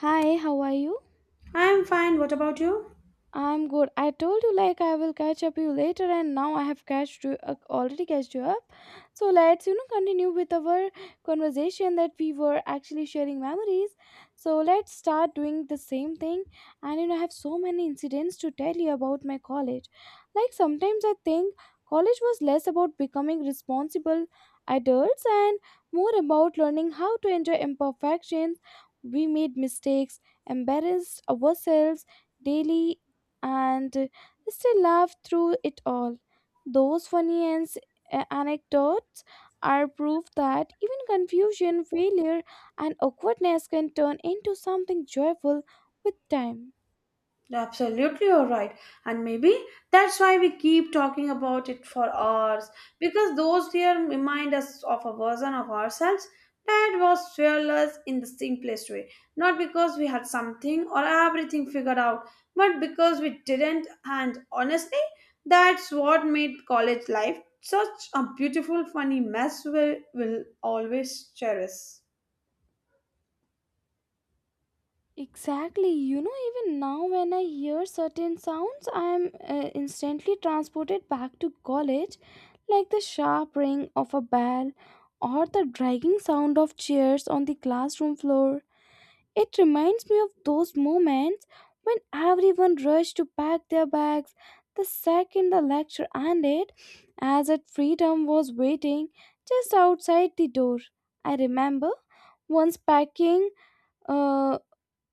Hi, how are you? I'm fine. What about you? I'm good. I told you like I will catch up you later and now I have catched you already catched you up. So let's continue with our conversation that we were actually sharing memories. So let's start doing the same thing and you know I have so many incidents to tell you about my college. Like sometimes I think college was less about becoming responsible adults and more about learning how to enjoy imperfections. We made mistakes, embarrassed ourselves daily and still laugh through it all. Those anecdotes are proof that even confusion, failure, and awkwardness can turn into something joyful with time. Absolutely, all right. And maybe that's why we keep talking about it for hours because those fears remind us of a version of ourselves that was fearless in the simplest way. Not because we had something or everything figured out, but because we didn't. And honestly, that's what made college life such a beautiful, funny mess we will always cherish. Exactly. You know, even now when I hear certain sounds, I am instantly transported back to college, like the sharp ring of a bell or the dragging sound of chairs on the classroom floor. It reminds me of those moments when everyone rushed to pack their bags the second the lecture ended, as if freedom was waiting just outside the door. I remember once uh,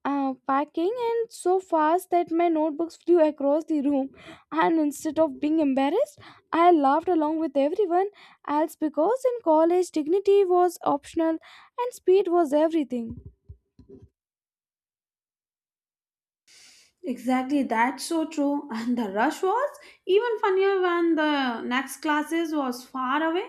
packing and so fast that my notebooks flew across the room, and instead of being embarrassed, I laughed along with everyone else, because in college dignity was optional and speed was everything. Exactly, that's so true. And the rush was even funnier when the next classes was far away.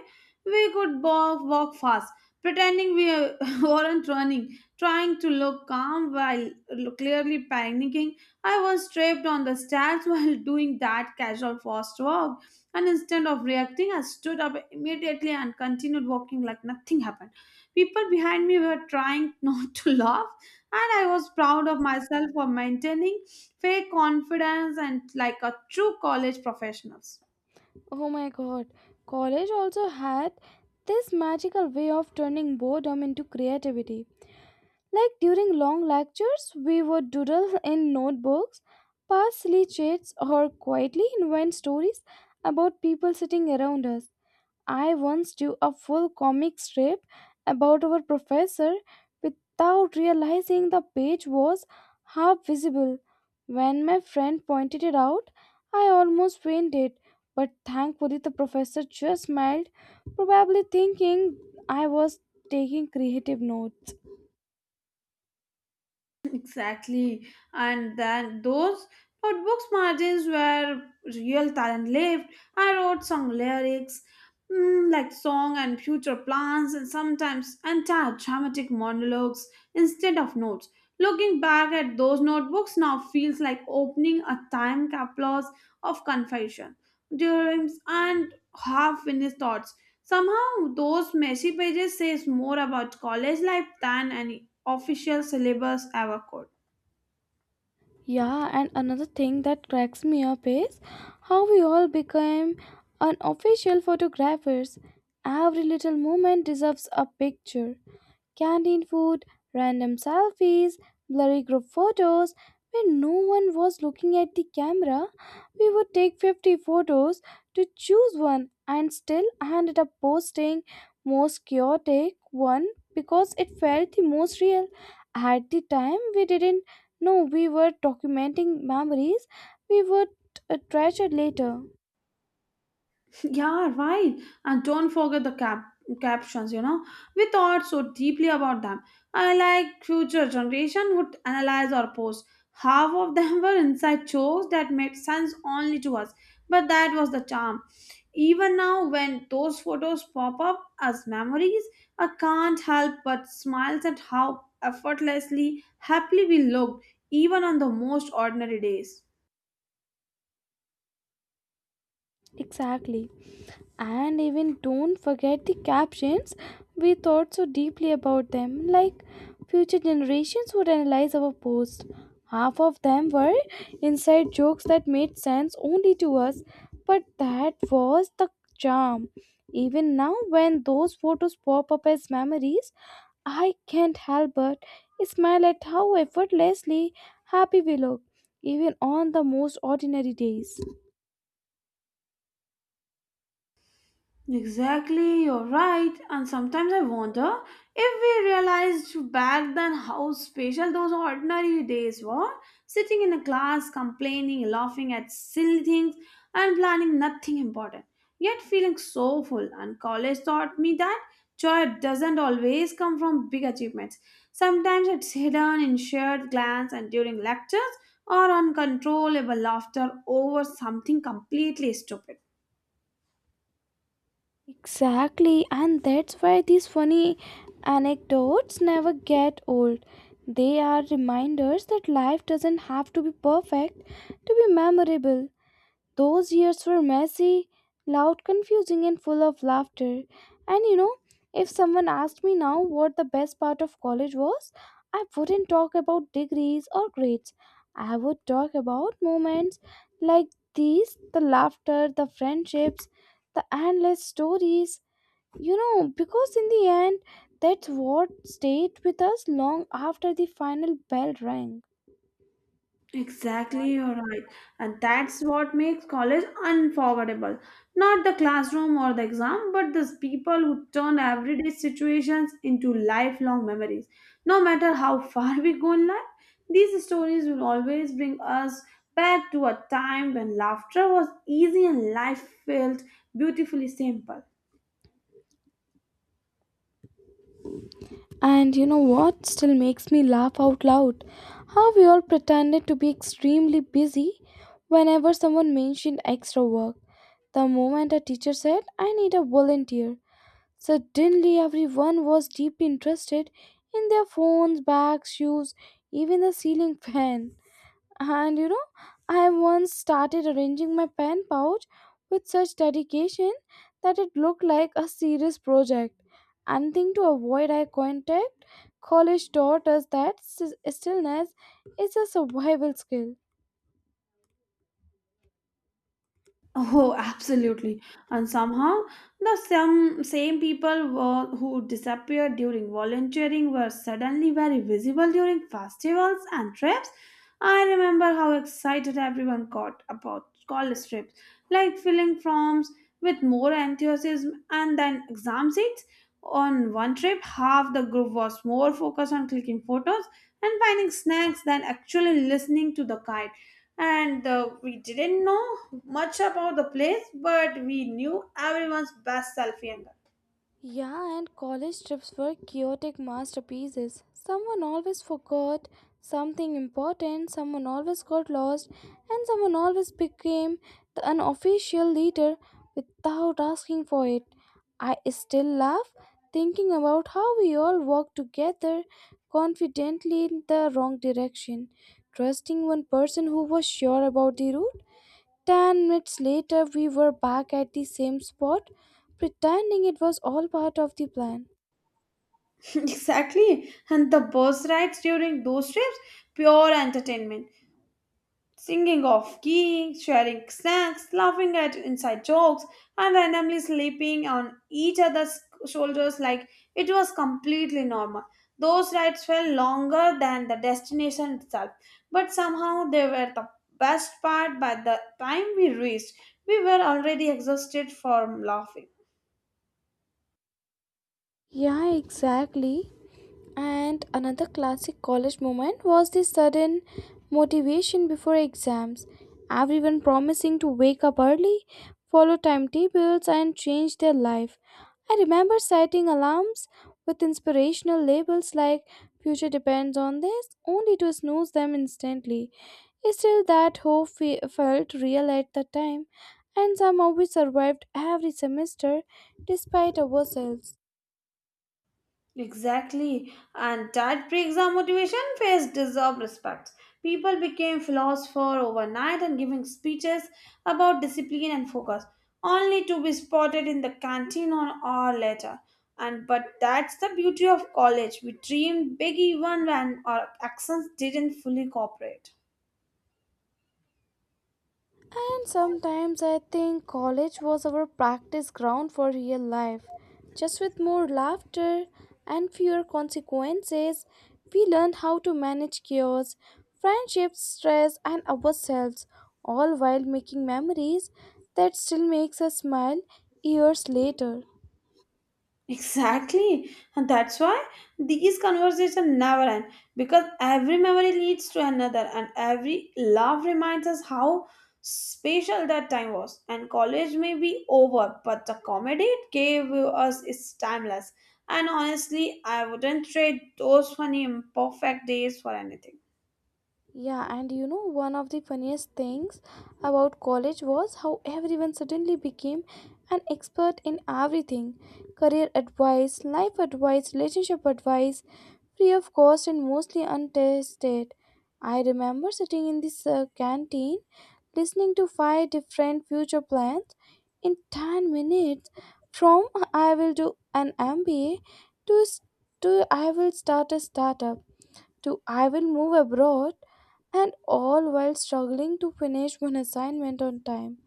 We could walk fast, pretending we weren't running, trying to look calm while clearly panicking. I was tripped on the stairs while doing that casual fast walk, and instead of reacting, I stood up immediately and continued walking like nothing happened. People behind me were trying not to laugh, and I was proud of myself for maintaining fake confidence and like a true college professionals. Oh my god, college also had this magical way of turning boredom into creativity. Like during long lectures, we would doodle in notebooks, pass silly chats, or quietly invent stories about people sitting around us. I once drew a full comic strip about our professor without realizing the page was half visible. When my friend pointed it out, I almost fainted, but thankfully the professor just smiled, probably thinking I was taking creative notes. Exactly. And then those notebooks margins where real talent lived, I wrote some lyrics, like song and future plans, and sometimes entire dramatic monologues instead of notes. Looking back at those notebooks now feels like opening a time capsule of confession, dreams, and half finished thoughts. Somehow, those messy pages says more about college life than any official syllabus ever could. Yeah, and another thing that cracks me up is how we all became unofficial photographers. Every little moment deserves a picture. Canteen food, random selfies, blurry group photos. When no one was looking at the camera, we would take 50 photos to choose one, and still I ended up posting most chaotic one because it felt the most real. At the time, we didn't know we were documenting memories we would treasure later. Yeah, right. And don't forget the captions, you know. We thought so deeply about them. I like future generation would analyze our posts. Half of them were inside jokes that made sense only to us. But that was the charm. Even now when those photos pop up as memories, I can't help but smile at how effortlessly happily we looked, even on the most ordinary days. Exactly. And even don't forget the captions. We thought so deeply about them, like future generations would analyze our post. Half of them were inside jokes that made sense only to us, but that was the charm. Even now, when those photos pop up as memories, I can't help but smile at how effortlessly happy we look, even on the most ordinary days. Exactly, you're right. And sometimes I wonder if we realized back then how special those ordinary days were, sitting in a class, complaining, laughing at silly things, and planning nothing important, yet feeling so full. And college taught me that joy doesn't always come from big achievements. Sometimes it's hidden in shared glance and during lectures or uncontrollable laughter over something completely stupid. Exactly, and that's why these funny anecdotes never get old. They are reminders that life doesn't have to be perfect to be memorable. Those years were messy, loud, confusing, and full of laughter. And you know, if someone asked me now what the best part of college was, I wouldn't talk about degrees or grades. I would talk about moments like these, the laughter, the friendships, the endless stories. You know, because in the end, that's what stayed with us long after the final bell rang. Exactly, you're right. And that's what makes college unforgettable. Not the classroom or the exam, but those people who turn everyday situations into lifelong memories. No matter how far we go in life, these stories will always bring us back to a time when laughter was easy and life felt beautifully simple. And you know what still makes me laugh out loud? How we all pretended to be extremely busy whenever someone mentioned extra work. The moment a teacher said, "I need a volunteer," suddenly everyone was deeply interested in their phones, bags, shoes, even the ceiling fan. And you know, I once started arranging my pen pouch with such dedication that it looked like a serious project. Anything to avoid eye contact, college taught us that stillness is a survival skill. Oh, absolutely. And somehow the some same people were, who disappeared during volunteering were suddenly very visible during festivals and trips. I remember how excited everyone got about college trips, like filling forms with more enthusiasm and then exam seats. On one trip, half the group was more focused on clicking photos and finding snacks than actually listening to the guide, and we didn't know much about the place, but we knew everyone's best selfie angle. Yeah, and college trips were chaotic masterpieces. Someone always forgot something important, someone always got lost, and someone always became the unofficial leader without asking for it. I still laugh thinking about how we all walked together confidently in the wrong direction, trusting one person who was sure about the route. 10 minutes later, we were back at the same spot, pretending it was all part of the plan. Exactly. And the bus rides during those trips, pure entertainment, singing off key, sharing snacks, laughing at inside jokes, and randomly sleeping on each other's shoulders like it was completely normal. Those rides felt longer than the destination itself, but somehow they were the best part. By the time we reached, we were already exhausted from laughing. Yeah, exactly. And another classic college moment was the sudden motivation before exams. Everyone promising to wake up early, follow timetables, and change their life. I remember setting alarms with inspirational labels like "future depends on this," only to snooze them instantly. Still, that hope felt real at the time, and somehow we survived every semester despite ourselves. Exactly, and that breaks our motivation faced deserved respect. People became philosophers overnight and giving speeches about discipline and focus, only to be spotted in the canteen an hour later. And but that's the beauty of college. We dreamed big even when our accents didn't fully cooperate. And sometimes I think college was our practice ground for real life. Just with more laughter and fewer consequences, we learned how to manage chaos, friendships, stress, and ourselves, all while making memories that still makes us smile years later. Exactly. And that's why these conversations never end, because every memory leads to another and every love reminds us how special that time was. And college may be over, but the comedy it gave us is timeless. And honestly, I wouldn't trade those funny imperfect days for anything. Yeah, and you know, one of the funniest things about college was how everyone suddenly became an expert in everything: career advice, life advice, relationship advice, free of cost and mostly untested. I remember sitting in this canteen listening to five different future plans in 10 minutes, from "I will do an MBA" to, to "I will start a startup" to "I will move abroad," and all while struggling to finish one assignment on time.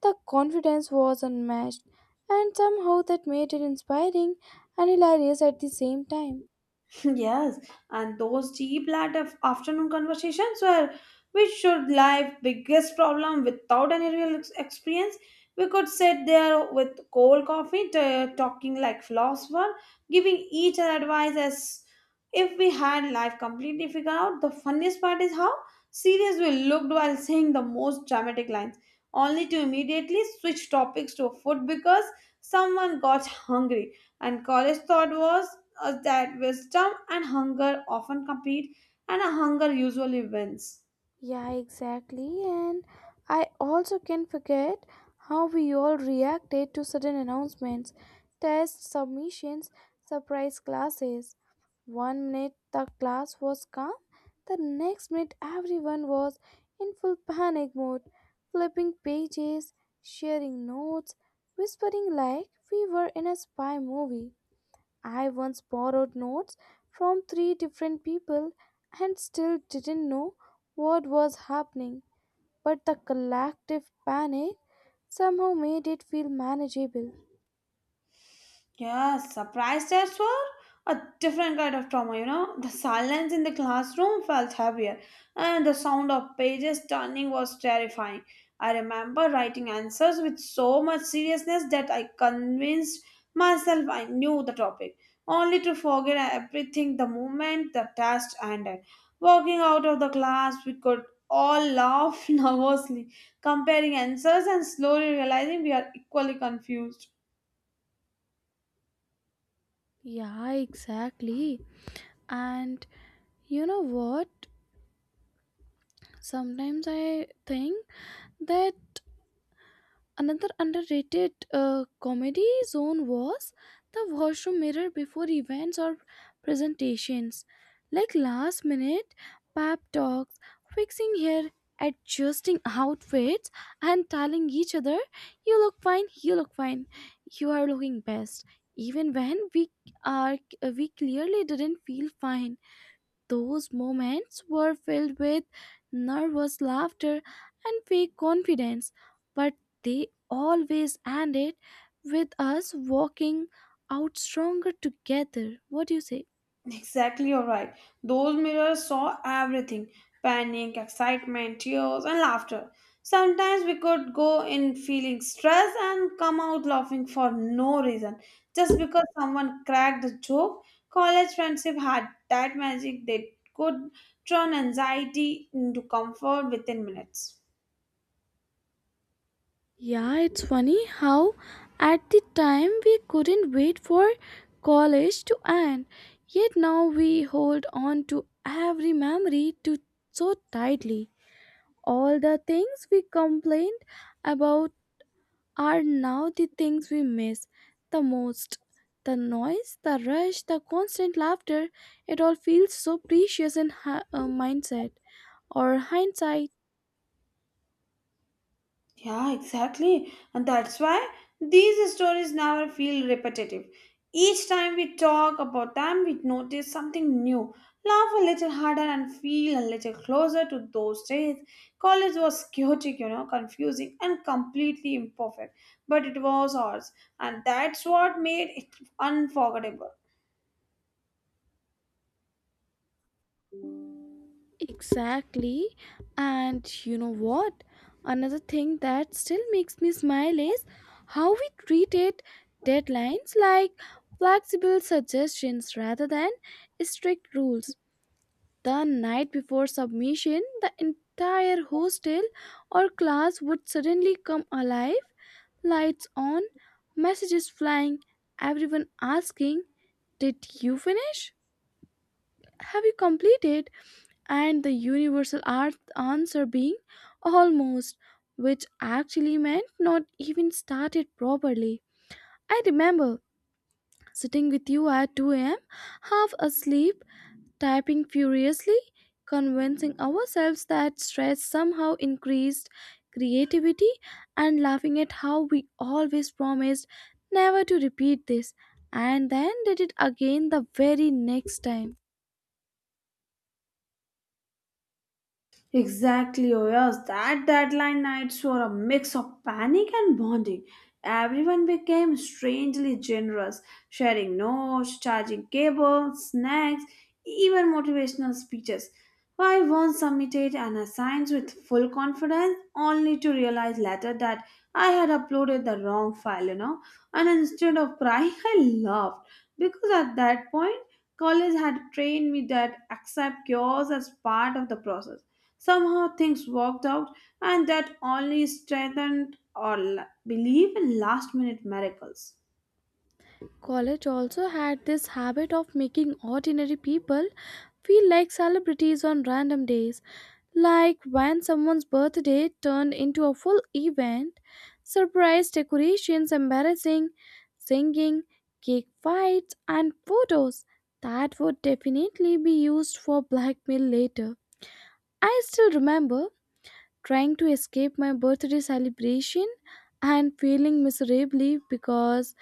The confidence was unmatched, and somehow that made it inspiring and hilarious at the same time. Yes, and those deep late afternoon conversations were we should live biggest problem without any real experience. We could sit there with cold coffee, talking like philosopher, giving each other advice as if we had life completely figured out. The funniest part is how serious we looked while saying the most dramatic lines, only to immediately switch topics to food because someone got hungry. And college thought was us that wisdom and hunger often compete, and a hunger usually wins. Yeah, exactly. And I also can't forget how we all reacted to sudden announcements, tests, submissions, surprise classes. 1 minute the class was calm, the next minute everyone was in full panic mode, flipping pages, sharing notes, whispering like we were in a spy movie. I once borrowed notes from three different people and still didn't know what was happening, but the collective panic somehow made it feel manageable. Yeah, surprise tests were a different kind of trauma, you know. The silence in the classroom felt heavier, and the sound of pages turning was terrifying. I remember writing answers with so much seriousness that I convinced myself I knew the topic, only to forget everything the moment the test ended. Walking out of the class, we could all laugh nervously, comparing answers and slowly realizing we are equally confused. Yeah, exactly. And you know what? Sometimes I think that another underrated comedy zone was the washroom mirror before events or presentations, like last minute pep talks, fixing hair, adjusting outfits, and telling each other, "You look fine, you look fine, you are looking best." Even when we are, we clearly didn't feel fine. Those moments were filled with nervous laughter and fake confidence, but they always ended with us walking out stronger together. What do you say? Exactly, you're right. Those mirrors saw everything, panic, excitement, tears, and laughter. Sometimes we could go in feeling stressed and come out laughing for no reason, just because someone cracked a joke. College friendship had that magic that could turn anxiety into comfort within minutes. Yeah, it's funny how at the time we couldn't wait for college to end, yet now we hold on to every memory to so tightly. All the things we complained about are now the things we miss the most. The noise, the rush, the constant laughter, it all feels so precious in mindset or hindsight. Yeah, exactly. And that's why these stories never feel repetitive. Each time we talk about them, we notice something new, laugh a little harder, and feel a little closer to those days. College was chaotic, you know, confusing, and completely imperfect, but it was ours, and that's what made it unforgettable. Exactly. And you know what? Another thing that still makes me smile is how we treated deadlines like flexible suggestions rather than strict rules. The night before submission, the entire hostel or class would suddenly come alive, lights on, messages flying, everyone asking, "Did you finish? Have you completed?" And the universal answer being "almost," which actually meant not even started properly. I remember sitting with you at 2 a.m., half asleep, typing furiously, convincing ourselves that stress somehow increased creativity, and laughing at how we always promised never to repeat this and then did it again the very next time. Exactly, oh yes, that deadline nights were a mix of panic and bonding. Everyone became strangely generous, sharing notes, charging cables, snacks, even motivational speeches. I once submitted an assignment with full confidence, only to realize later that I had uploaded the wrong file, you know. And instead of crying, I laughed because at that point, college had trained me that accept chaos as part of the process. Somehow things worked out, and that only strengthened our belief in last minute miracles. College also had this habit of making ordinary people feel like celebrities on random days, like when someone's birthday turned into a full event, surprise decorations, embarrassing singing, cake fights, and photos that would definitely be used for blackmail later. I still remember trying to escape my birthday celebration and failing miserably because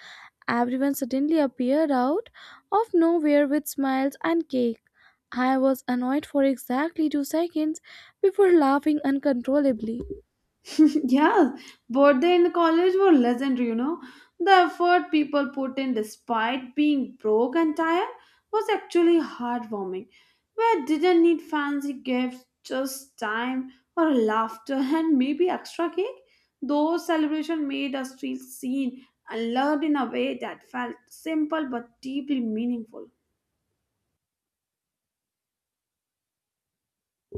everyone suddenly appeared out of nowhere with smiles and cake. I was annoyed for exactly 2 seconds before laughing uncontrollably. Yeah, birthday in college were legendary, you know. The effort people put in despite being broke and tired was actually heartwarming. We didn't need fancy gifts, just time or laughter and maybe extra cake. Those celebrations made us feel seen and loved in a way that felt simple but deeply meaningful.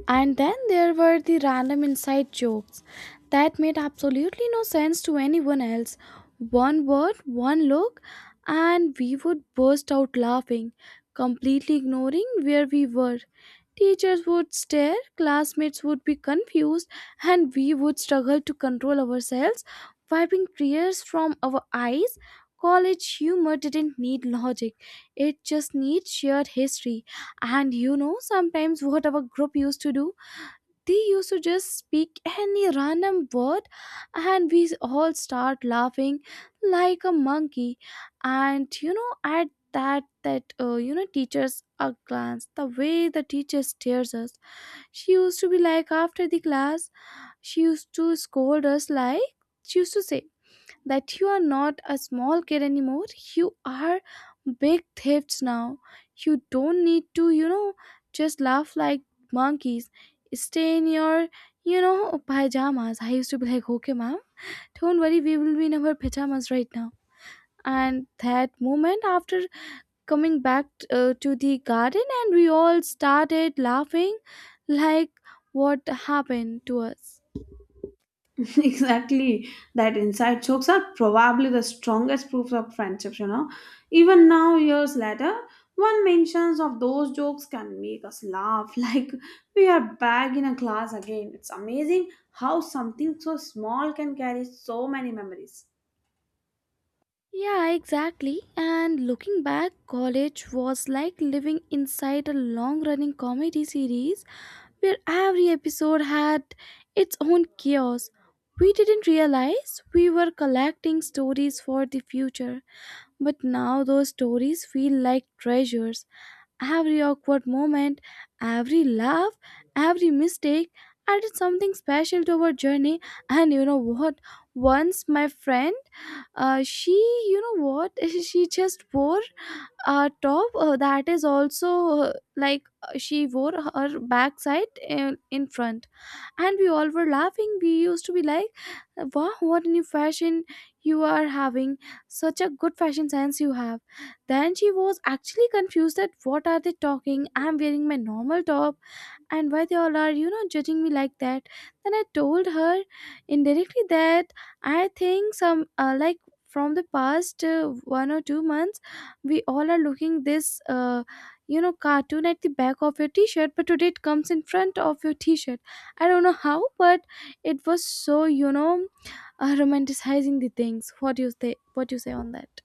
And then there were the random inside jokes that made absolutely no sense to anyone else. One word, one look, and we would burst out laughing, completely ignoring where we were. Teachers would stare, classmates would be confused, and we would struggle to control ourselves, wiping tears from our eyes. College humor didn't need logic, it just needs shared history. And you know, sometimes what our group used to do? They used to just speak any random word and we all start laughing like a monkey. And you know, at that that you know, teachers a glance, the way the teacher stares us, she used to be like after the class she used to scold us, like she used to say that, "You are not a small kid anymore, you are big thieves now. You don't need to, you know, just laugh like monkeys. Stay in your, you know, pajamas." I used to be like, "Okay, ma'am, don't worry, we will be in our pajamas right now." And that moment after coming back to the garden, and we all started laughing like, what happened to us? Exactly. That inside jokes are probably the strongest proofs of friendships, you know. Even now, years later, one mentions of those jokes can make us laugh like we are back in a class again. It's amazing how something so small can carry so many memories. Yeah, exactly. And looking back, college was like living inside a long running comedy series where every episode had its own chaos. We didn't realize we were collecting stories for the future, but now those stories feel like treasures. Every awkward moment, every laugh, every mistake added something special to our journey. And you know what? Once my friend, she, you know what? She just wore a top that is also she wore her backside in front. And we all were laughing. We used to be like, wow, what new fashion you are having, such a good fashion sense you have. Then she was actually confused that what are they talking, I'm wearing my normal top and why they all are you know judging me like that. Then I told her indirectly that I think some, like, from the past 1 or 2 months, we all are looking this, you know, cartoon at the back of your t-shirt, but today it comes in front of your t-shirt. I don't know how, but it was so, you know, are romanticizing the things. What do you say, what do you say on that?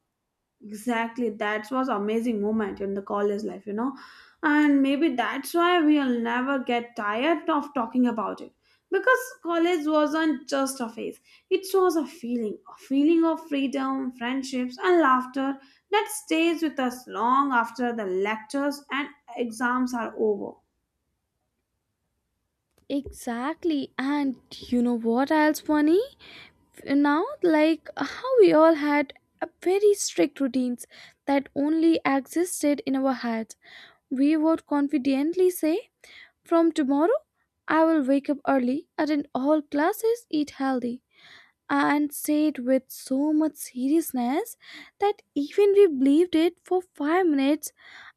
Exactly, that was amazing moment in the college life, you know, and maybe that's why we'll never get tired of talking about it. Because college wasn't just a phase; it was a feeling of freedom, friendships, and laughter that stays with us long after the lectures and exams are over. Exactly. And you know what else funny now, like how we all had a very strict routines that only existed in our heads. We would confidently say, from tomorrow I will wake up early, attend all classes, eat healthy, and said with so much seriousness that even we believed it for 5 minutes.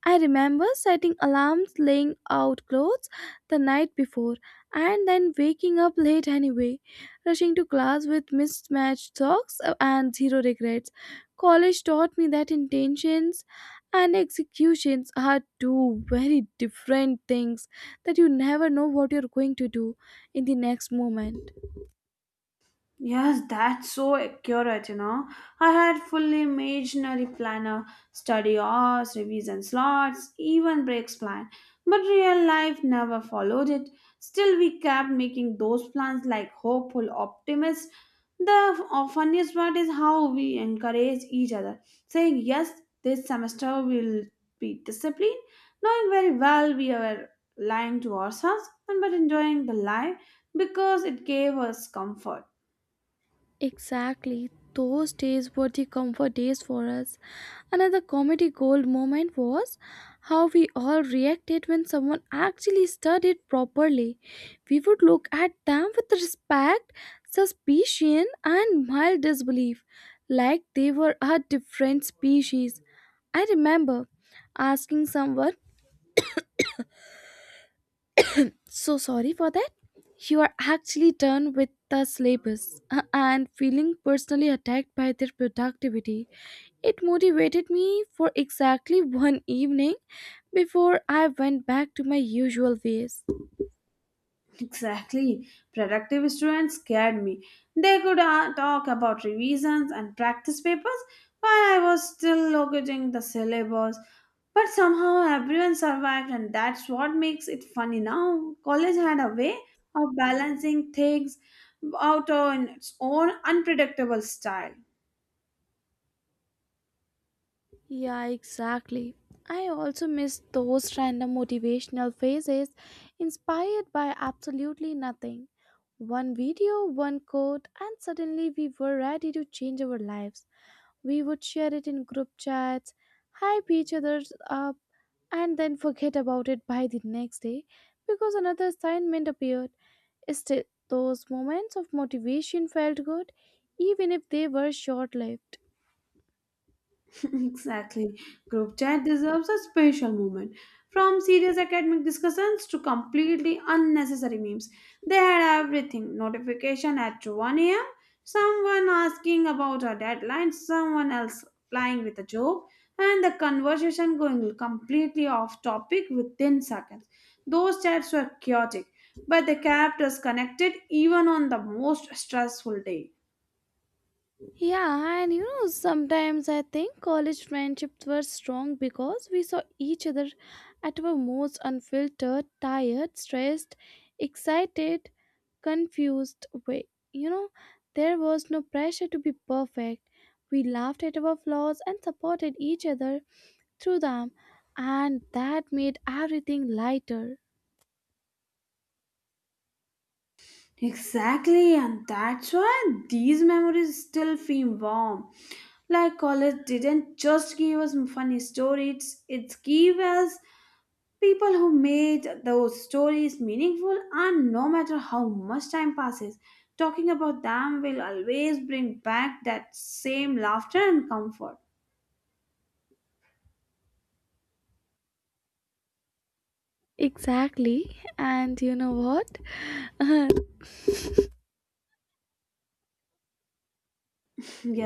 I remember setting alarms, laying out clothes the night before, and then waking up late anyway, rushing to class with mismatched socks and zero regrets. College taught me that intentions and executions are two very different things, that you never know what you're going to do in the next moment. Yes, that's so accurate, you know. I had full imaginary planner, study hours, revision slots, even breaks plan. But real life never followed it. Still, we kept making those plans like hopeful optimists. The funniest part is how we encourage each other, saying, "Yes, this semester will be disciplined," knowing very well we were lying to ourselves, and but enjoying the life because it gave us comfort. Exactly. Those days were the comfort days for us. Another comedy gold moment was how we all reacted when someone actually studied properly. We would look at them with respect, suspicion, and mild disbelief, like they were a different species. I remember asking someone, so sorry for that, you are actually done with the syllabus? And feeling personally attacked by their productivity. It motivated me for exactly one evening before I went back to my usual ways. Exactly. Productive students scared me. They could talk about revisions and practice papers while I was still locating the syllabus. But somehow everyone survived, and that's what makes it funny now. College had a way of balancing things out in its own unpredictable style. Yeah, exactly. I also miss those random motivational phrases inspired by absolutely nothing. One video, one quote, and suddenly we were ready to change our lives. We would share it in group chats, hype each other up, and then forget about it by the next day because another assignment appeared. Still, those moments of motivation felt good, even if they were short lived. Exactly. Group chat deserves a special moment. From serious academic discussions to completely unnecessary memes, they had everything. Notification at two 1 a.m., someone asking about a deadline, someone else playing with a joke, and the conversation going completely off topic within seconds. Those chats were chaotic, but they kept us connected even on the most stressful day. Yeah, and you know, sometimes I think college friendships were strong because we saw each other at our most unfiltered, tired, stressed, excited, confused way. You know, there was no pressure to be perfect. We laughed at our flaws and supported each other through them, and that made everything lighter. Exactly, and that's why these memories still feel warm. Like college didn't just give us funny stories, it gave us people who made those stories meaningful, and no matter how much time passes, talking about them will always bring back that same laughter and comfort. Exactly. And you know what? Uh,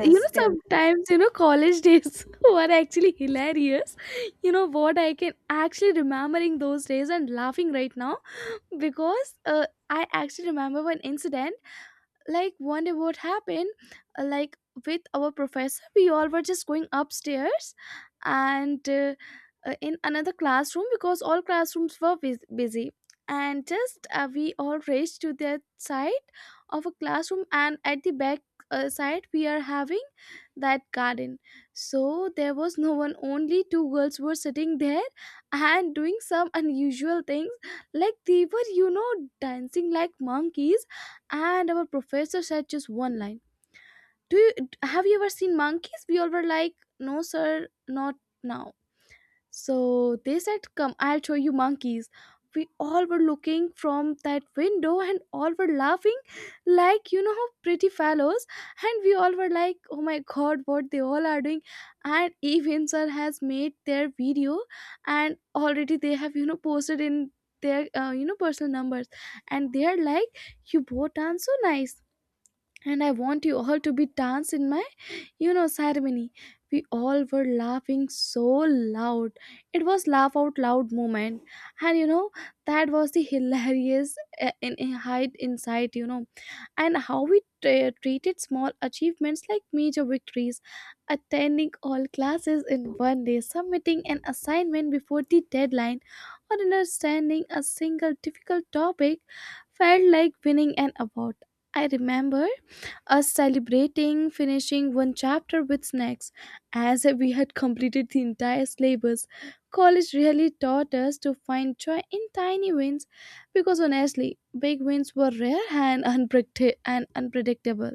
you know, tell. sometimes, you know, college days were actually hilarious. You know what? I can actually remembering those days and laughing right now because I actually remember one incident, like one day what happened, like, with our professor we all were just going upstairs and in another classroom because all classrooms were busy, and just, we all raced to that side of a classroom, and at the back side we are having that garden. So there was no one, only two girls were sitting there and doing some unusual things, like they were, you know, dancing like monkeys. And our professor said just one line. Do you have, you ever seen monkeys? We all were like, no sir, not now. So they said, come, I'll show you monkeys. We all were looking from that window and all were laughing like, you know, pretty fellows. And we all were like, oh my god, what they all are doing. And even sir has made their video and already they have, you know, posted in their, you know, personal numbers. And they're like, you both dance so nice and I want you all to be dance in my, you know, ceremony. We all were laughing so loud. It was laugh out loud moment. And you know, that was the hilarious in hide inside, you know. And how we treated small achievements like major victories, attending all classes in 1 day, submitting an assignment before the deadline, or understanding a single difficult topic felt like winning an award. I remember us celebrating finishing one chapter with snacks as if we had completed the entire syllabus. College really taught us to find joy in tiny wins because honestly, big wins were rare and, and unpredictable.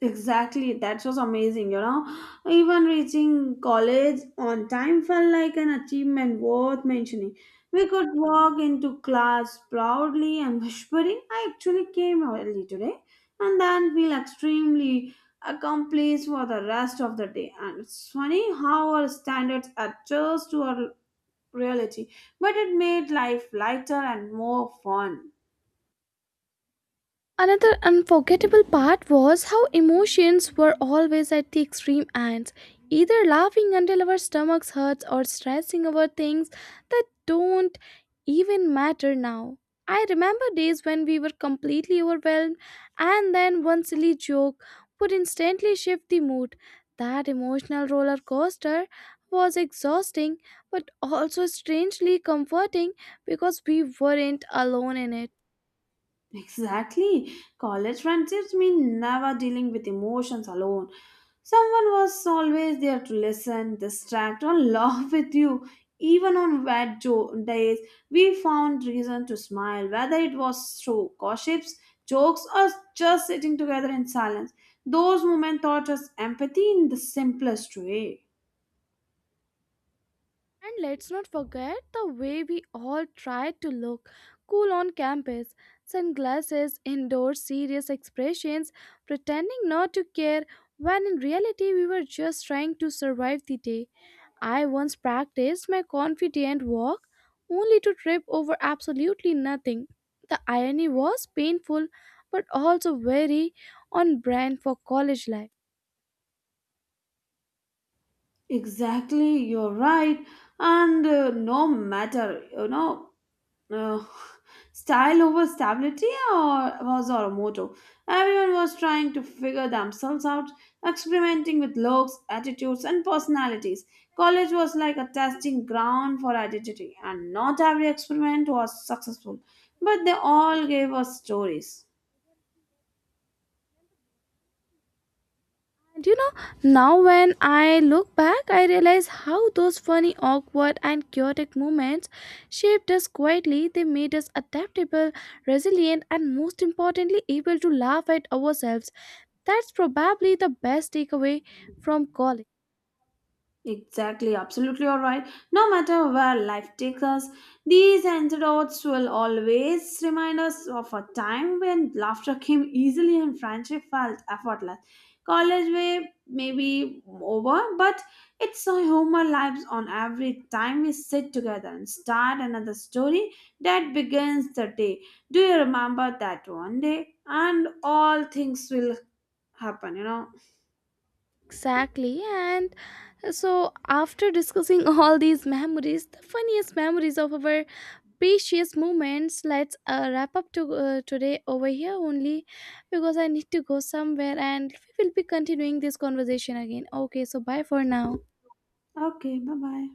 Exactly, that was amazing, you know. Even reaching college on time felt like an achievement worth mentioning. We could walk into class proudly and whispering, "I actually came early today," and then feel extremely accomplished for the rest of the day. And it's funny how our standards adjust to our reality, but it made life lighter and more fun. Another unforgettable part was how emotions were always at the extreme ends, either laughing until our stomachs hurt or stressing over things that don't even matter now. I remember days when we were completely overwhelmed, and then one silly joke would instantly shift the mood. That emotional roller coaster was exhausting but also strangely comforting because we weren't alone in it. Exactly. College friendships mean never dealing with emotions alone. Someone was always there to listen, distract, or laugh with you. Even on bad days, we found reason to smile, whether it was through gossips, jokes, or just sitting together in silence. Those moments taught us empathy in the simplest way. And let's not forget the way we all tried to look cool on campus, sunglasses, indoor serious expressions, pretending not to care when in reality we were just trying to survive the day. I once practiced my confident walk only to trip over absolutely nothing. The irony was painful but also very on brand for college life. Exactly, you're right. And no matter, you know, uh, style over stability or was our motto. Everyone was trying to figure themselves out, experimenting with looks, attitudes, and personalities. College was like a testing ground for identity, and not every experiment was successful, but they all gave us stories. And you know, now when I look back, I realize how those funny, awkward, and chaotic moments shaped us quietly. They made us adaptable, resilient, and most importantly, able to laugh at ourselves. That's probably the best takeaway from college. Exactly, absolutely all right. No matter where life takes us, these antidotes will always remind us of a time when laughter came easily and friendship felt effortless. College way may be over, but it's a humor lives on every time we sit together and start another story that begins the day. "Do you remember that one day?" And all things will happen, you know. Exactly, and so, after discussing all these memories, the funniest memories of our precious moments, let's wrap up to today over here only because I need to go somewhere and we will be continuing this conversation again. Okay, so bye for now. Okay, bye bye.